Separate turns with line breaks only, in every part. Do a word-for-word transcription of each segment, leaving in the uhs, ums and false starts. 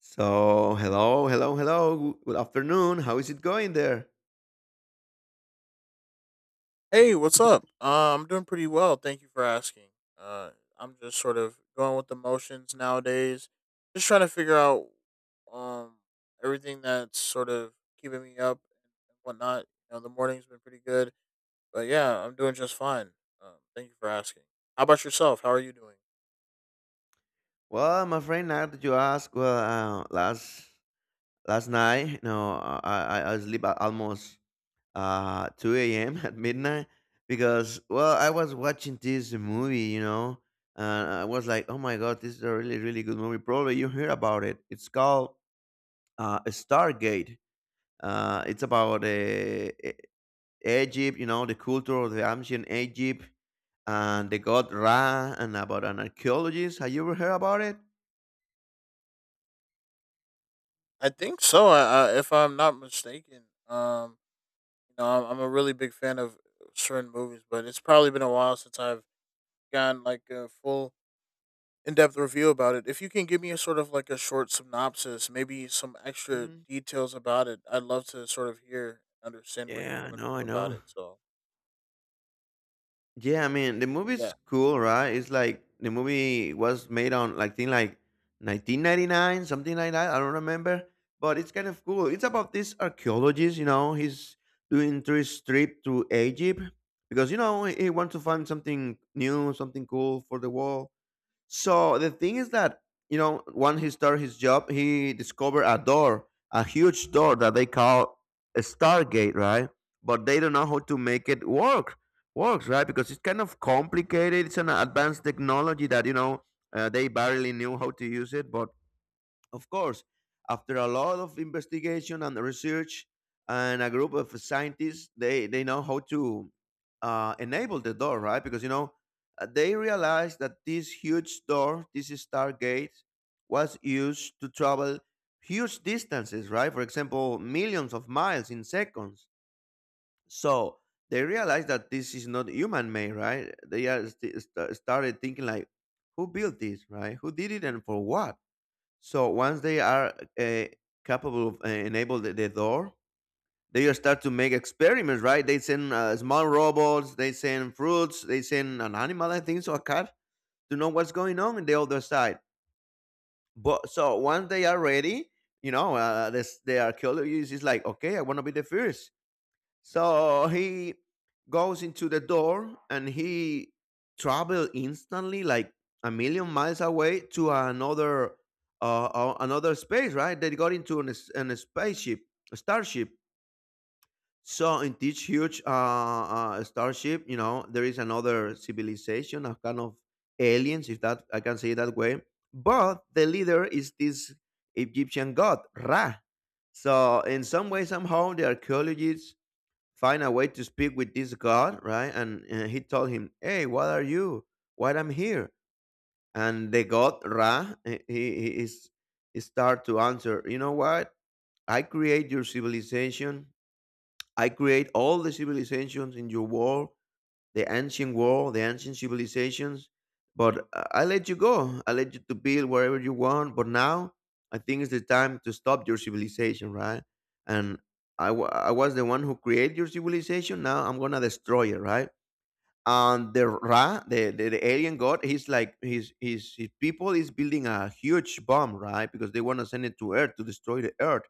So, hello, hello, hello. Good good afternoon. How is it going there?
Hey, what's up? Uh, I'm doing pretty well. Thank you for asking. Uh, I'm just sort of going with the motions nowadays. Just trying to figure out um everything that's sort of keeping me up and whatnot. You know, the morning's been pretty good, but yeah, I'm doing just fine. Um, thank you for asking. How about yourself? How are you doing?
Well, I'm afraid now that you ask, well, uh, last last night, no, I I, I sleep at almost uh two a m at midnight because well, I was watching this movie, you know, and I was like, oh my God, this is a really really good movie. Probably you heard about it. It's called uh, Stargate. Uh, it's about uh, a Egypt, you know, the culture of the ancient Egypt and the god Ra and about an archaeologist. Have you ever heard about it?
I think so. I, I if I'm not mistaken, um, you know, I'm, I'm a really big fan of certain movies, but it's probably been a while since I've gotten like a full in-depth review about it. If you can give me a sort of like a short synopsis, maybe some extra
Mm.
details about it, I'd love to sort of hear and understand where you're
Yeah, I
coming
know,
from
I
about
know.
it. So,
Yeah, I mean the
yeah.
movie's cool, right? It's like the movie was made on like thing like nineteen ninety-nine, something like that. I don't remember, but it's kind of cool. It's about this archaeologist, you know, he's doing tourist trip to Egypt because you know he he wants to find something new, something cool for the world. So the thing is that you know when he started his job, he discovered a door, a huge door that they call a Stargate, right? But they don't know how to make it work, works right because it's kind of complicated. It's an advanced technology that you know uh, they barely knew how to use it, but of course, after a lot of investigation and research and a group of scientists, they, they know how to uh, enable the door, right? Because, you know, uh, they realized that this huge door, this stargate, was used to travel huge distances, right? For example, millions of miles in seconds. So they realized that this is not human made, right? They are st- st- started thinking, like, who built this, right? Who did it and for what? So once they are uh, capable of uh, enable the, the door, they just start to make experiments, right? They send uh, small robots, they send fruits, they send an animal, I think, so a cat, to know what's going on in the other side. But so once they are ready, you know, uh, this, they are curious. It's like, okay, I want to be the first. So he goes into the door and he travel instantly like a million miles away to another uh, uh, another space, right? They got into an, s- an a spaceship, a starship. So in this huge uh, uh, starship, you know, there is another civilization, a kind of aliens, if that I can say it that way. But the leader is this Egyptian god Ra. So in some way, somehow, the archaeologists find a way to speak with this god, right, and, uh, he told him, hey, what are you, why I'm here. And the god Ra, eh, he, he is he start to answer, you know what, I create your civilization. I create all the civilizations in your world, the ancient world, the ancient civilizations. But uh, I let you go. I let you to build wherever you want. But now I think it's the time to stop your civilization, right? And I wa- I was the one who created your civilization. Now I'm gonna destroy it, right? And the Ra, the, the, the alien god, he's like his his his people is building a huge bomb, right? Because they want to send it to Earth to destroy the Earth.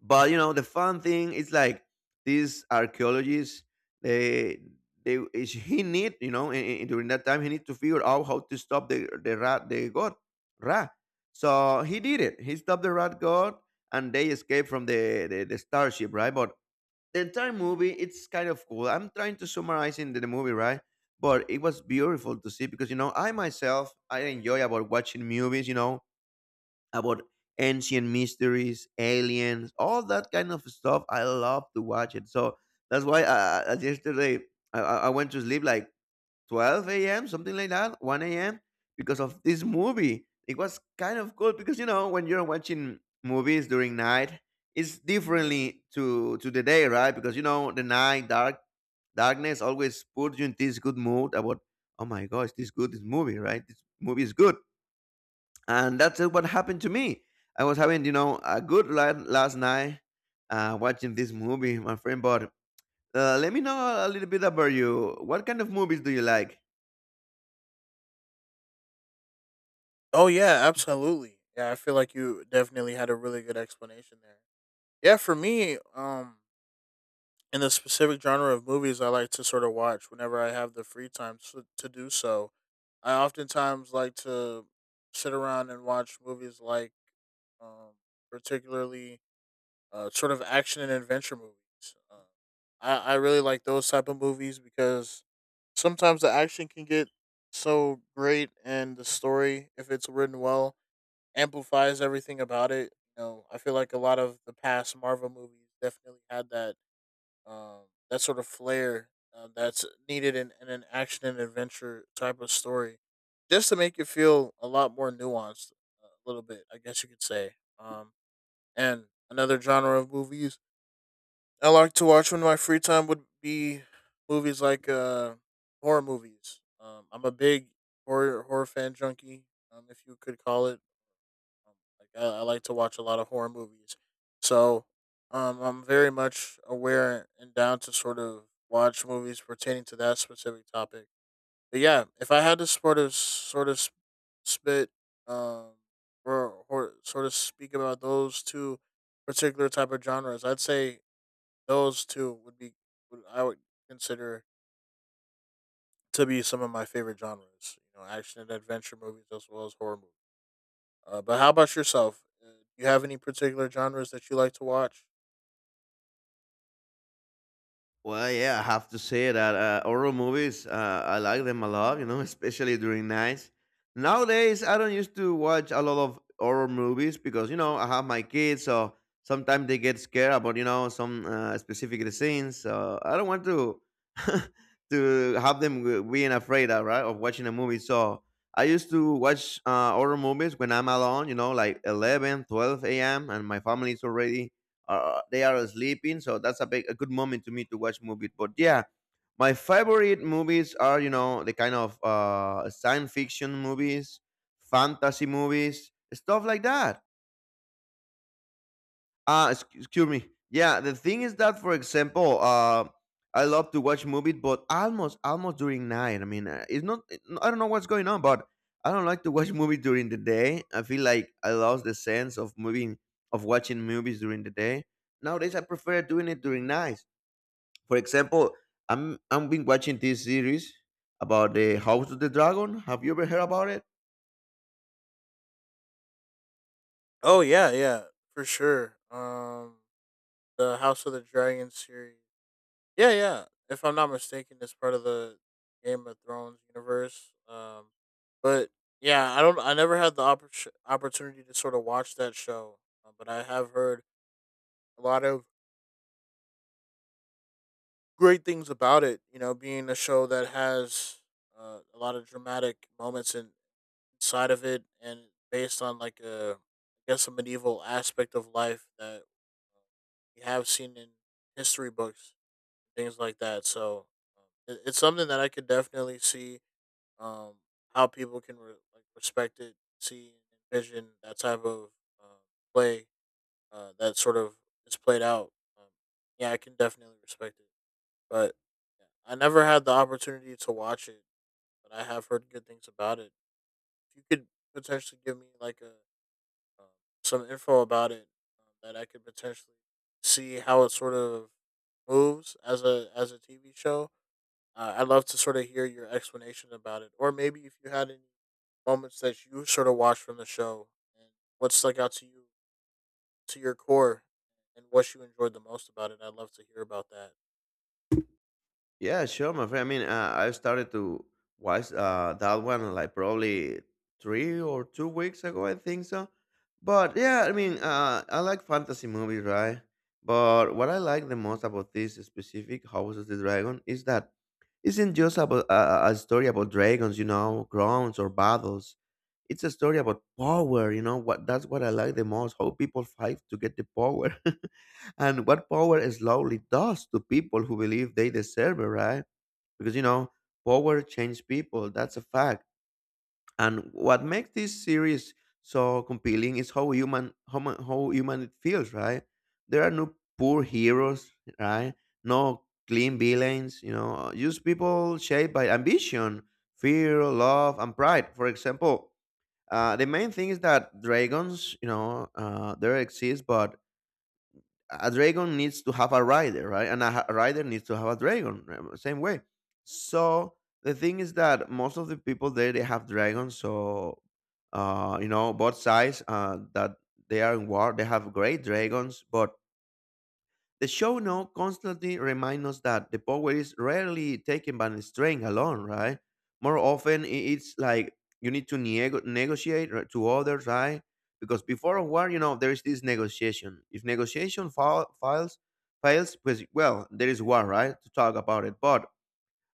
But you know, the fun thing is like these archaeologists, they they is he need, you know, in, in- during that time he need to figure out how to stop the the rat the god Ra. So he did it. He stopped the rat god, and they escaped from the the, the starship, right? But the entire movie it's kind of cool. I'm trying to summarize in the, the movie, right? But it was beautiful to see because you know I myself I enjoy about watching movies, you know, about ancient mysteries, aliens, all that kind of stuff. I love to watch it. So that's why uh, uh, yesterday I, I I went to sleep like twelve a m, something like that, one a m, because of this movie. It was kind of cool because, you know, when you're watching movies during night, it's differently to, to the day, right? Because, you know, the night, dark, darkness always puts you in this good mood about, oh my gosh, this good this movie, right? This movie is good and that's uh, what happened to me. I was having, you know, a good night last night uh, watching this movie, my friend. But uh, let me know a little bit about you. What kind of movies do you like?
Oh yeah, absolutely. Yeah, I feel like you definitely had a really good explanation there. Yeah, for me, um in the specific genre of movies I like to sort of watch whenever I have the free time to, to do so, I oftentimes like to sit around and watch movies like um particularly uh, sort of action and adventure movies. Uh, I I really like those type of movies because sometimes the action can get so great, and the story, if it's written well, amplifies everything about it. You know, I feel like a lot of the past Marvel movies definitely had that um, that sort of flair uh, that's needed in, in an action and adventure type of story, just to make it feel a lot more nuanced, uh, a little bit, I guess you could say. Um, and another genre of movies I like to watch when my free time would be movies like uh horror movies. Um, I'm a big horror horror fan junkie, um, if you could call it. Um, like I, I like to watch a lot of horror movies, so um, I'm very much aware and down to sort of watch movies pertaining to that specific topic. But yeah, if I had to sort of sort of s- spit um or, or sort of speak about those two particular type of genres, I'd say those two would be would I would consider to be some of my favorite genres. You know, action and adventure movies as well as horror movies. Uh, but how about yourself? Uh, do you have any particular genres that you like to watch?
Well, yeah, I have to say that uh, horror movies, uh, I like them a lot, you know, especially during nights. Nowadays, I don't used to watch a lot of horror movies because, you know, I have my kids, so sometimes they get scared about, you know, some uh, specific scenes. So I don't want to to have them w- being afraid, uh, right, of watching a movie. So I used to watch uh, horror movies when I'm alone, you know, like eleven, twelve a m, and my family is already uh, they are sleeping. So that's a big a good moment to me to watch movies. But yeah, my favorite movies are you know the kind of uh, science fiction movies, fantasy movies, stuff like that. Ah, exc- excuse me. Yeah, the thing is that for example, uh, I love to watch movies, but almost almost during night. I mean, uh, it's not. I don't know what's going on, but I don't like to watch movies during the day. I feel like I lost the sense of moving of watching movies during the day. Nowadays, I prefer doing it during night. For example, I'm I'm been watching this series about the House of the Dragon. Have you ever heard about it?
Oh yeah, yeah, for sure. Um, the House of the Dragon series. Yeah, yeah. If I'm not mistaken, it's part of the Game of Thrones universe. Um, but yeah, I don't. I never had the oppor- opportunity to sort of watch that show, uh, but I have heard a lot of great things about it. You know, being a show that has uh, a lot of dramatic moments in, inside of it, and based on like a, I guess, a medieval aspect of life that uh, we have seen in history books, things like that. So um, it, it's something that I could definitely see um, how people can re- like respect it, see, and envision that type of uh, play uh, that sort of is played out. Um, yeah, I can definitely respect it but yeah, I never had the opportunity to watch it, but I have heard good things about it. If you could potentially give me like a um, some info about it um, that I could potentially see how it sort of moves as a as a T V show, uh, I'd love to sort of hear your explanation about it, or maybe if you had any moments that you sort of watched from the show and what stuck out to you to your core and what you enjoyed the most about it. I'd love to hear about that.
Yeah, sure, my friend. I mean, uh, I started to watch uh, that one like probably three or two weeks ago, I think so. But yeah, I mean, uh, I like fantasy movies, right? But what I like the most about this specific House of the Dragon is that isn't just about a, a story about dragons, you know, crowns or battles. It's a story about power, you know. What that's what I like the most: how people fight to get the power. And what power slowly does to people who believe they deserve it, right? Because you know, power changes people. That's a fact. And what makes this series so compelling is how human how, mu- how human it feels, right? There are no poor heroes, right? No clean villains, you know, just people shaped by ambition, fear, love, and pride. For example, uh, the main thing is that dragons, you know, uh, there exist, but a dragon needs to have a rider, right? And a ha- rider needs to have a dragon, um, same way. So the thing is that most of the people there they have dragons, so uh, you know both sides uh, that they are in war, they have great dragons, but the show note constantly reminds us that the power is rarely taken by strength alone, right? More often, i- it's like you need to nego- negotiate, right, to others, right? Because before a war, you know, there is this negotiation. If negotiation fa- files fails, pues, well, there is war, right? To talk about it. But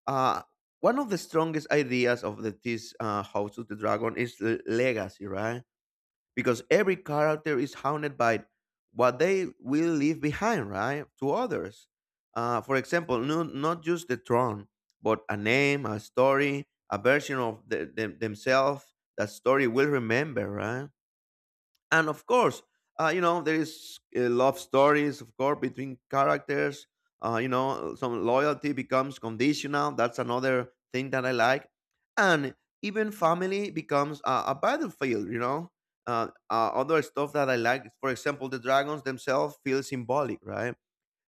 uh, one of the strongest ideas of the, this uh, House of the Dragon is l- legacy, right? Because every character is haunted by what they will leave behind, right, to others. Uh, for example, no, not just the throne, but a name, a story, a version of the, them themselves that story will remember, right? And of course uh, you know there is uh, love stories of course between characters, uh, you know some loyalty becomes conditional. That's another thing that I like. And even family becomes a, a battlefield, you know. Uh, uh, other stuff that I like, for example, the dragons themselves feel symbolic, right?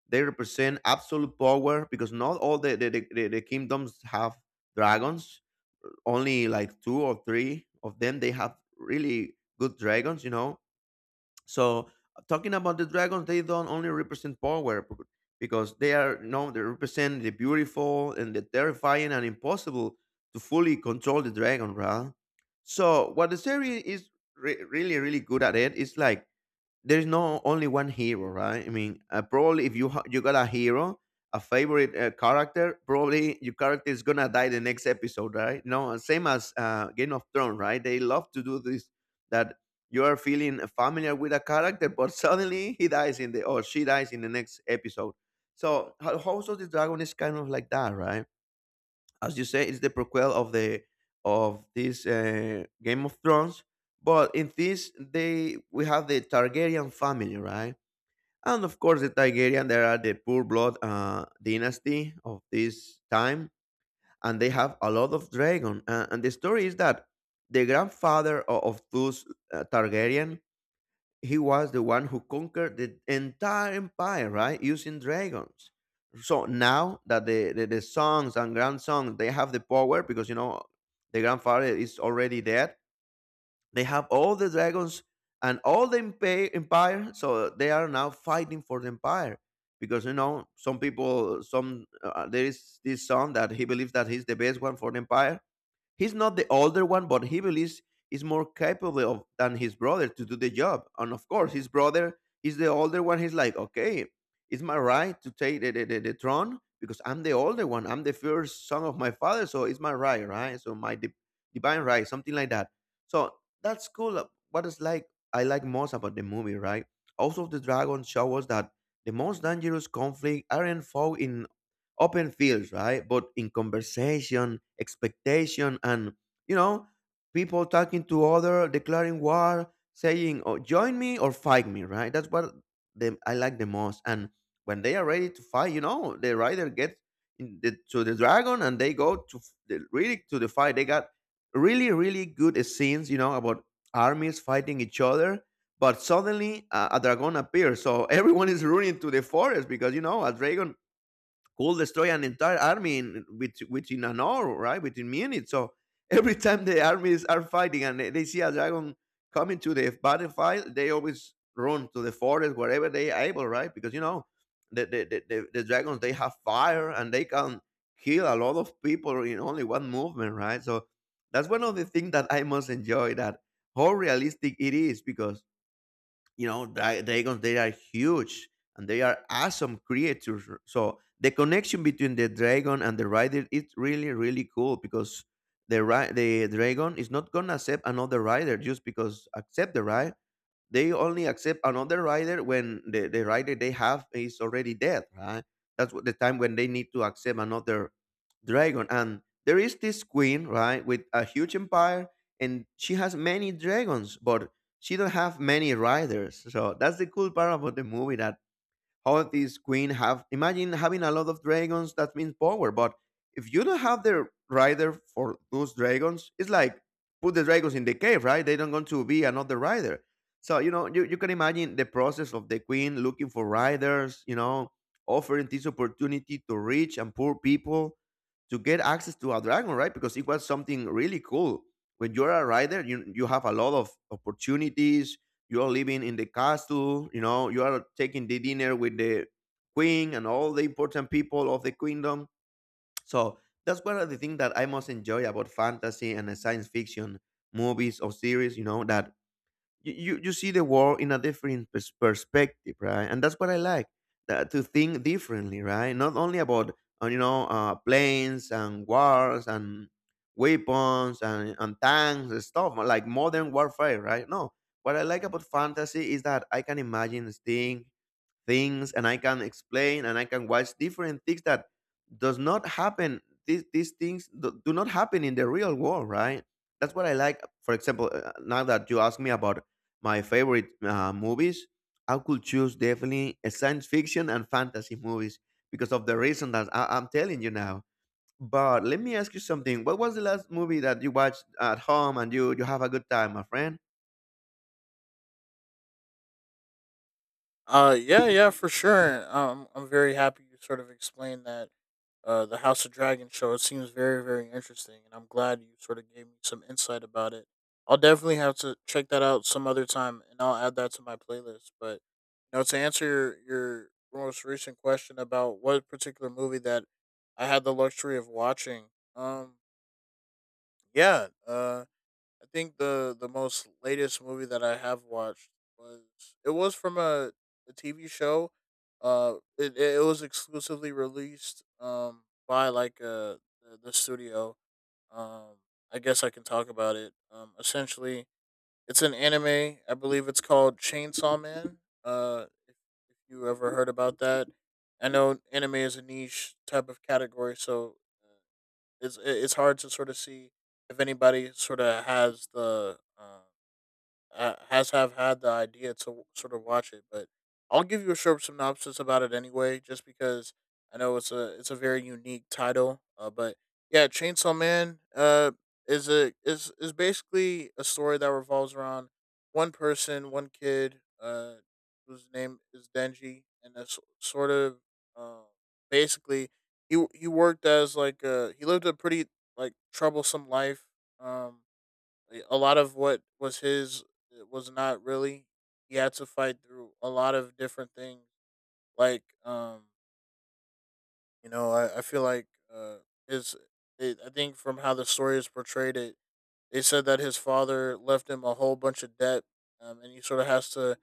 They represent absolute power because not all the, the, the, the the kingdoms have dragons, only like two or three of them they have really good dragons, you know. So talking about the dragons, they don't only represent power b- because they are you know they represent the beautiful and the terrifying and impossible to fully control the dragon, right? So what the series is re- really really good at it is like there's no only one hero, right? I mean, uh, probably if you ha- you got a hero, a favorite uh, character, probably your character is gonna die the next episode, right? No, uh, same as uh, Game of Thrones, right? They love to do this that you are feeling familiar with a character, but suddenly he dies in the or she dies in the next episode. So Ho- House of the Dragon is kind of like that, right? As you say, it's the prequel of the of this uh, Game of Thrones. But in this, they we have the Targaryen family, right? And of course, the Targaryen, they are the poor blood uh, dynasty of this time, and they have a lot of dragon. Uh, and the story is that the grandfather of, of those uh, Targaryen, he was the one who conquered the entire empire, right? Using dragons. So now that the, the, the sons and grandsons they have the power because you know the grandfather is already dead. They have all the dragons and all the empa- empire, so they are now fighting for the empire. Because you know, some people, some uh, there is this son that he believes that he's the best one for the empire. He's not the older one, but he believes he's more capable of, than his brother to do the job. And of course, his brother is the older one. He's like, okay, it's my right to take the, the, the, the throne because I'm the older one. I'm the first son of my father, so it's my right, right? So my di- divine right, something like that. So that's cool. uh, What is like I like most about the movie, right? Also, the dragon show us that the most dangerous conflict aren't fought in open fields, right? But in conversation, expectation, and you know, people talking to other, declaring war, saying, "Oh, join me or fight me," right? That's what them I like the most. And when they are ready to fight, you know, the rider gets in the, to the dragon and they go to f- the, really to the fight. They got really, really good scenes, you know, about armies fighting each other. But suddenly, uh, a dragon appears, so everyone is running to the forest because you know a dragon could destroy an entire army in, with, within an hour, right? Within minutes. So every time the armies are fighting and they, they see a dragon coming to the battlefield, they always run to the forest wherever they are able, right? Because you know the the, the, the the dragons they have fire and they can kill a lot of people in only one movement, right? So that's one of the things that I most enjoy, that how realistic it is because you know they they they are huge and they are awesome creatures. So the connection between the dragon and the rider is really, really cool because the ri- the dragon is not gonna accept another rider just because accept the ride. They only accept another rider when the, the rider they have is already dead, right? That's what the time when they need to accept another dragon. And there is this queen, right, with a huge empire, and she has many dragons but she don't have many riders. So that's the cool part about the movie, that how this queen have imagine having a lot of dragons, that means power, but if you don't have the rider for those dragons, it's like put the dragons in the cave, right? They don't going to be another rider. So you know you, you can imagine the process of the queen looking for riders, you know, offering this opportunity to rich and poor people to get access to a dragon, right? Because it was something really cool. When you're a rider you, you have a lot of opportunities. You are living in the castle, you know, you are taking the dinner with the queen and all the important people of the kingdom. So that's one of the things that I most enjoy about fantasy and uh, science fiction movies or series, you know, that you, you you see the world in a different pers- perspective, right? And that's what I like, that, to think differently, right? Not only about uh, you know uh, planes and wars and weapons and, and tanks and stuff like modern warfare, right? No, what I like about fantasy is that I can imagine things things, and I can explain and I can watch different things that does not happen. These, these, things do do not happen in the real world, right? That's what I like. For example, uh, now that you ask me about my favorite uh, movies, I could choose definitely a science fiction and fantasy movies because of the reason that I, I'm telling you now. But let me ask you something. What was the last movie that you watched at home and you you have a good time, my friend?
Uh, yeah, yeah, for sure. Um, I'm very happy you sort of explained that. Uh, the House of Dragon show. It seems very, very interesting, and I'm glad you sort of gave me some insight about it. I'll definitely have to check that out some other time, and I'll add that to my playlist. But you know, to answer your your most recent question about what particular movie that I had the luxury of watching, um, yeah, uh, I think the the most latest movie that I have watched was it was from a, a T V show. Uh, it it was exclusively released um by like uh the, the studio. Um, I guess I can talk about it. Um, essentially, it's an anime. I believe it's called Chainsaw Man. Uh, if, if you ever heard about that, I know anime is a niche type of category, so. Uh, it's it's hard to sort of see if anybody sort of has the um, uh, has have had the idea to sort of watch it, but I'll give you a short synopsis about it anyway, just because I know it's a it's a very unique title. Uh, but yeah, Chainsaw Man uh, is a is is basically a story that revolves around one person, one kid, uh, whose name is Denji, and that's sort of uh, basically he he worked as like uh he lived a pretty like troublesome life. Um, eh, a lot of what was his it was not really. He had to fight through a lot of different things. Like, um, you know, I, I feel like uh, his. It, I think from how the story is portrayed, it they said that his father left him a whole bunch of debt, um, and he sort of has to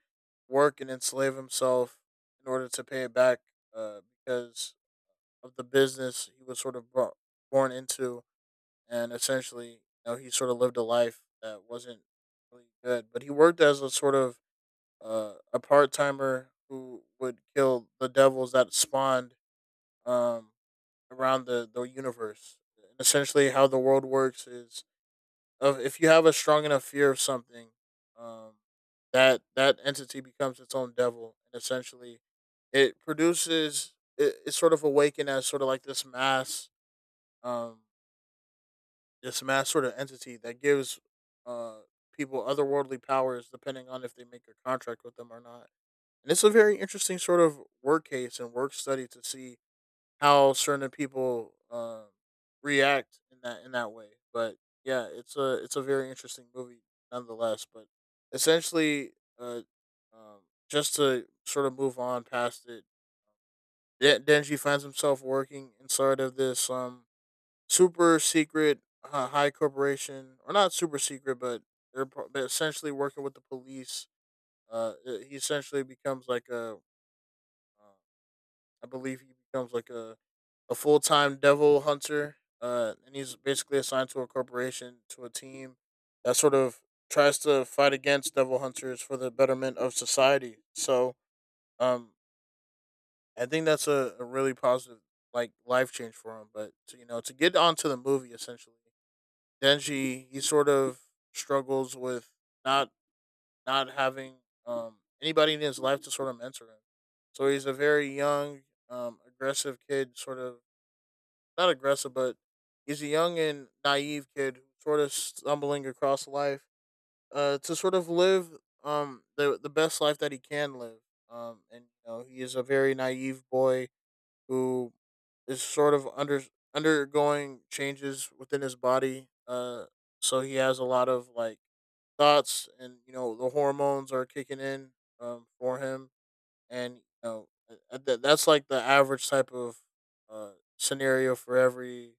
work and enslave himself in order to pay it back uh, because of the business he was sort of brought, born into and essentially, you know, he sort of lived a life that wasn't really good. But he worked as a sort of uh, a part timer who would kill the devils that spawned um, around the the universe. And essentially, how the world works is of if you have a strong enough fear of something, um, that that entity becomes its own devil, and essentially, it produces it, it's sort of awakened as sort of like this mass. Um, this mass sort of entity that gives uh, people otherworldly powers depending on if they make a contract with them or not. And it's a very interesting sort of work case and work study to see how certain people um, react in that in that way. But yeah, it's a it's a very interesting movie nonetheless. But essentially, uh, um, just to sort of move on past it, Den- Denji finds himself working inside of this um super secret uh, high corporation, or not super secret, but they're, pro- they're essentially working with the police. Uh, uh, he essentially becomes like a, uh, I believe he becomes like a, a full time devil hunter, uh, and he's basically assigned to a corporation to a team that sort of tries to fight against devil hunters for the betterment of society. So, um, I think that's a, a really positive like life change for him. But to, you know, to get onto the movie essentially, Denji, he sort of struggles with not not having um anybody in his life to sort of mentor him. So he's a very young, um, aggressive kid, sort of not aggressive, but he's a young and naive kid who's sort of stumbling across life, uh, to sort of live um the the best life that he can live. Um, and you know he is a very naive boy who is sort of under undergoing changes within his body. Uh, so he has a lot of like thoughts, and you know the hormones are kicking in um, for him, and you know uh, th- that's like the average type of uh, scenario for every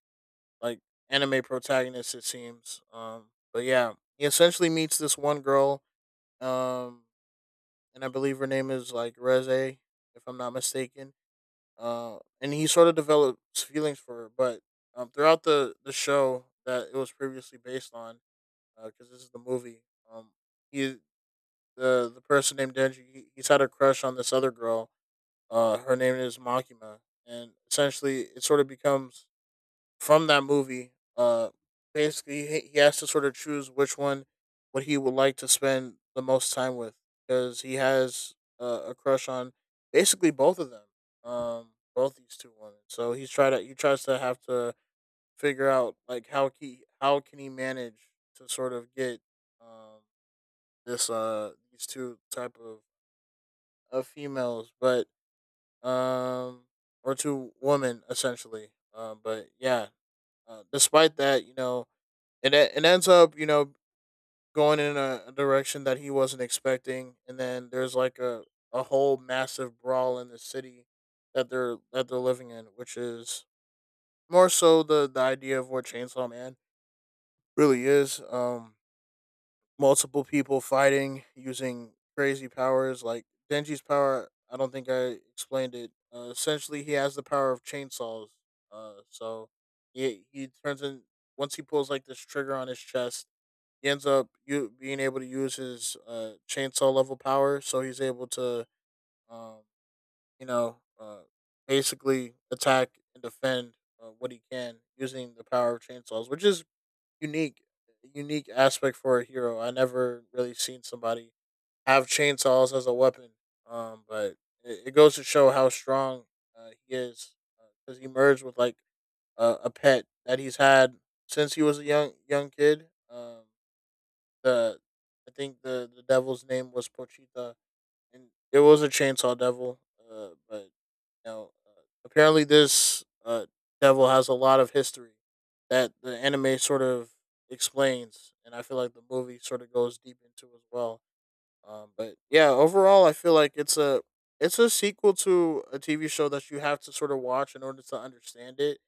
like anime protagonist, it seems. Um, but yeah, he essentially meets this one girl, um, and I believe her name is like Reze, if I'm not mistaken uh, and he sort of develops feelings for her. But um, throughout the the show that it was previously based on, because this is the movie, um, he the the person named Denji, he, he's had a crush on this other girl. Uh, her name is Makima, and essentially it sort of becomes from that movie. Uh, basically, he he has to sort of choose which one what he would like to spend the most time with because he has uh, a crush on basically both of them, um, both these two women. So he's try to he tries to have to figure out like how he how can he manage to sort of get um, this uh these two type of of females, but um or two women essentially. Um, but yeah, uh, despite that, you know, it, it ends up you know going in a, a direction that he wasn't expecting, and then there's like a, a whole massive brawl in the city that they're that they're living in, which is more so the the idea of what Chainsaw Man really is. Um multiple people fighting using crazy powers, like Denji's power. I don't think I explained it. Uh, essentially, he has the power of chainsaws. Uh so he he turns in, once he pulls like this trigger on his chest, he ends up you being able to use his uh, chainsaw level power, so he's able to, um, you know, uh, basically attack and defend uh, what he can using the power of chainsaws, which is unique, a unique aspect for a hero. I never really seen somebody have chainsaws as a weapon. Um, but it, it goes to show how strong uh, he is, because he merged with like a a pet that he's had since he was a young young kid. Um, the I think the the devil's name was Pochita, and it was a chainsaw devil. Uh, but you know, uh, Apparently, this uh devil has a lot of history that the anime sort of explains, and I feel like the movie sort of goes deep into as well. Um, but yeah, overall, I feel like it's a it's a sequel to a T V show that you have to sort of watch in order to understand it,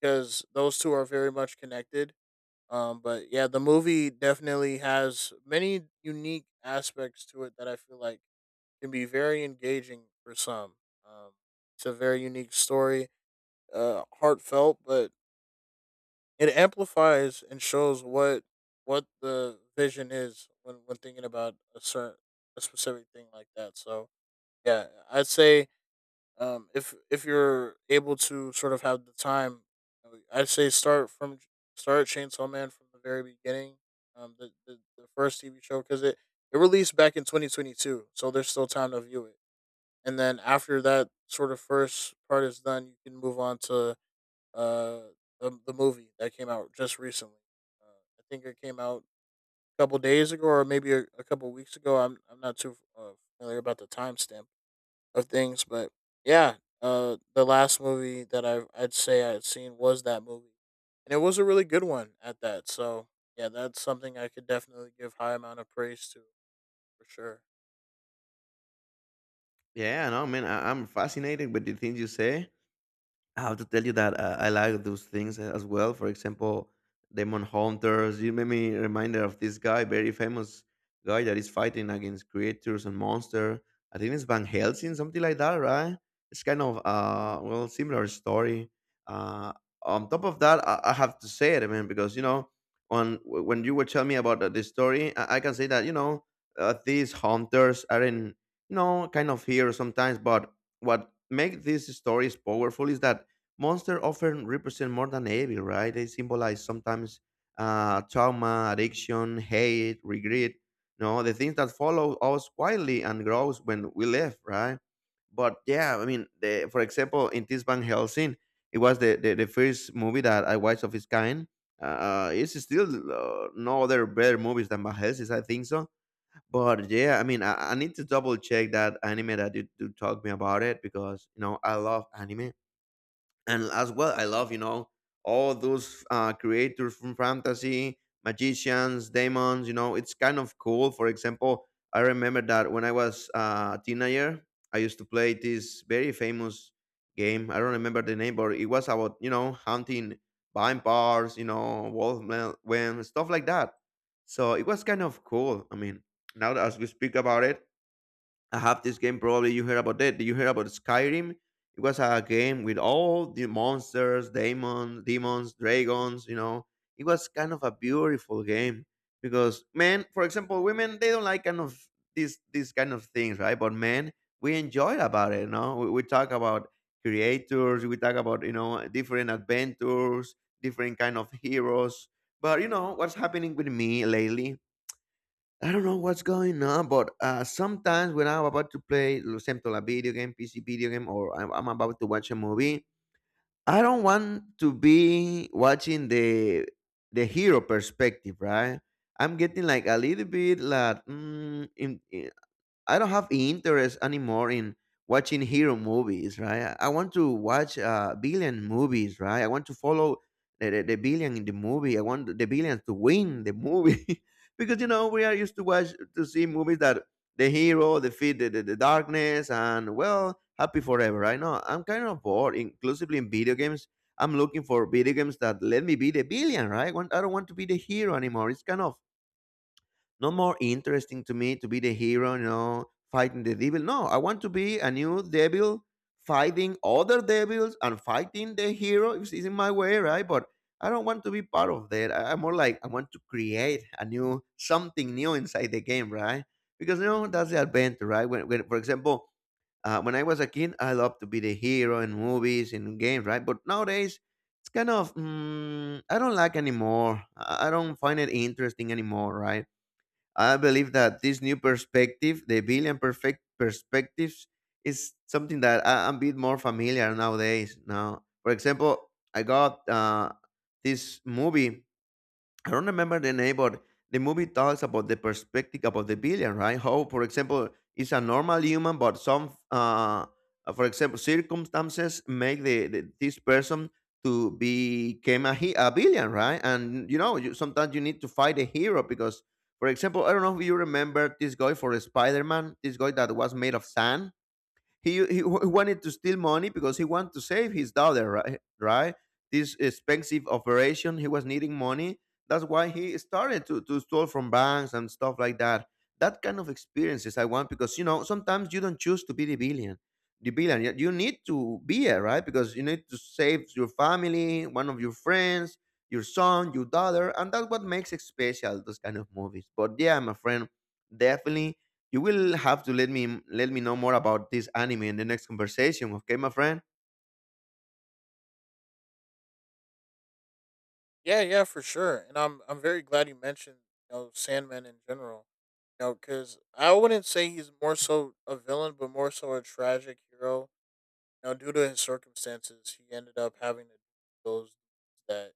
because those two are very much connected. Um, but yeah, the movie definitely has many unique aspects to it that I feel like can be very engaging for some. Um, it's a very unique story, uh, heartfelt, but it amplifies and shows what what the vision is when when thinking about a certain a specific thing like that. So yeah, I'd say um, if if you're able to sort of have the time, you know, I'd say start from start Chainsaw Man from the very beginning. Um, the the, the first T V show, because it it released back in twenty twenty-two, so there's still time to view it. And then after that sort of first part is done, you can move on to uh the, the movie that came out just recently. Uh, I think it came out a couple days ago, or maybe a, a couple weeks ago. I'm I'm not too uh, familiar about the timestamp of things. But yeah, uh, the last movie that I I'd say I'd seen was that movie, and it was a really good one at that. So yeah, that's something I could definitely give high amount of praise to, for sure.
Yeah, no, man, I, I'm fascinated with the things you say. I have to tell you that uh, I like those things uh, as well. For example, Demon Hunters. You made me reminder of this guy, very famous guy that is fighting against creatures and monster. I think it's Van Helsing, something like that, right? It's kind of uh well similar story. Uh, on top of that, I, I have to say it, man, because you know, on when you were telling me about the, the story, I, I can say that you know uh, these hunters are in you know kind of here sometimes, but what make these stories powerful is that monsters often represent more than evil, right? They symbolize sometimes uh, trauma, addiction, hate, regret, you know, the things that follow us quietly and grows when we live, right? But yeah, I mean, the, for example, in this Van Helsing, it was the, the, the first movie that I watched of its kind. Uh, it's still uh, no other better movies than Van Helsing, I think so. But yeah, I mean, I, I need to double check that anime that you, you talked me about it because, you know, I love anime and as well I love, you know, all those uh, creators from fantasy, magicians, demons, you know, it's kind of cool. For example, I remember that when I was uh, a teenager, I used to play this very famous game. I don't remember the name, but it was about, you know, hunting vampires, you know, wolfmen when stuff like that. So it was kind of cool. I mean, now that as we speak about it, I have this game. Probably you heard about that. Did you hear about Skyrim? It was a game with all the monsters, demons, demons, dragons. You know, it was kind of a beautiful game because men, for example, women they don't like kind of these these kind of things, right? But men, we enjoy about it. You know, we, we talk about creators, we talk about, you know, different adventures, different kind of heroes. But you know what's happening with me lately? I don't know what's going on, but uh, sometimes when I'm about to play, lo siento, a video game, P C video game, or I'm, I'm about to watch a movie, I don't want to be watching the the hero perspective, right? I'm getting like a little bit like mm, in, I don't have interest anymore in watching hero movies, right? I I want to watch uh, billion movies, right? I want to follow the, the, the billion in the movie. I want the billions to win the movie because you know we are used to watch to see movies that the hero defeat the, the, the darkness and well happy forever. Right? No, I'm kind of bored, inclusively in video games. I'm looking for video games that let me be the billion, right? I want- I don't want to be the hero anymore. It's kind of not more interesting to me to be the hero, you know, fighting the devil. No, I want to be a new devil fighting other devils and fighting the hero if it's in my way, right? But I don't want to be part of that. I, I'm more like I want to create a new something new inside the game, right? Because you know that's the adventure, right? When, when for example, uh, when I was a kid, I loved to be the hero in movies and games, right? But nowadays, it's kind of mm, I don't like anymore. I I don't find it interesting anymore, right? I believe that this new perspective, the billion perfect perspectives, is something that I, I'm a bit more familiar nowadays. Now, for example, I got uh, this movie. I don't remember the name, but the movie talks about the perspective about the villain, right? How, for example, it's a normal human, but some, uh, for example, circumstances make the, the this person to become a, he- a villain, right? And you know, you, sometimes you need to fight a hero because, for example, I don't know if you remember this guy for Spider Man, this guy that was made of sand. He, he wa- wanted to steal money because he wanted to save his daughter, right? Right? This expensive operation, he was needing money. That's why he started to, to steal from banks and stuff like that. That kind of experiences I want because, you know, sometimes you don't choose to be the billion, the billion. you you need to be it, right? Because you need to save your family, one of your friends, your son, your daughter, and that's what makes it special. Those kind of movies. But yeah, my friend, definitely you will have to let me let me know more about this anime in the next conversation, okay, my friend?
Yeah, yeah, for sure. And I'm I'm very glad you mentioned you know Sandman in general. You know, because I wouldn't say he's more so a villain, but more so a tragic hero. You know, due to his circumstances, he ended up having to do those that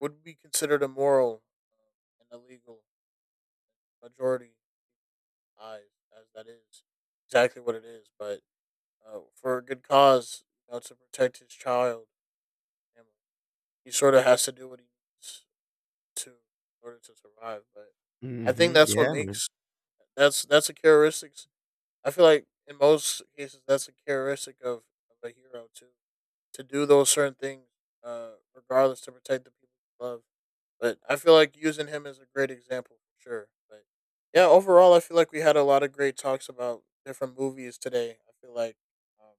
would be considered immoral uh, and illegal majority eyes, as that is exactly what it is. But uh, for a good cause, you know, to protect his child, family, he sort of has to do what he needs to in order to survive. But I think
Mm-hmm.
that's what
Yeah, man.
makes that's that's a characteristic. I feel like in most cases that's a characteristic of, of a hero too, to do those certain things, uh, regardless, to protect the people you love. But I feel like using him is a great example, for sure. But yeah, overall, I feel like we had a lot of great talks about different movies today. I feel like um,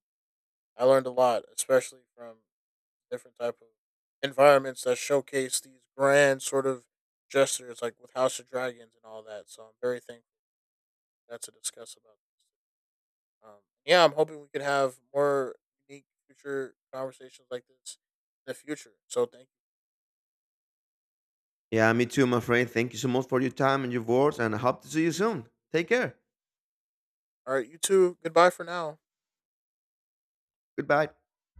I learned a lot, especially from different type of environments that showcase these grand sort of gestures, like with House of Dragons and all that. So I'm very thankful that to discuss about. Um, yeah, I'm hoping we could have more unique future conversations like this in the future. So thank.
Yeah, me too, my friend. Thank you so much for your time and your words, and I hope to see you soon. Take care.
All right, you too. Goodbye for now.
Goodbye.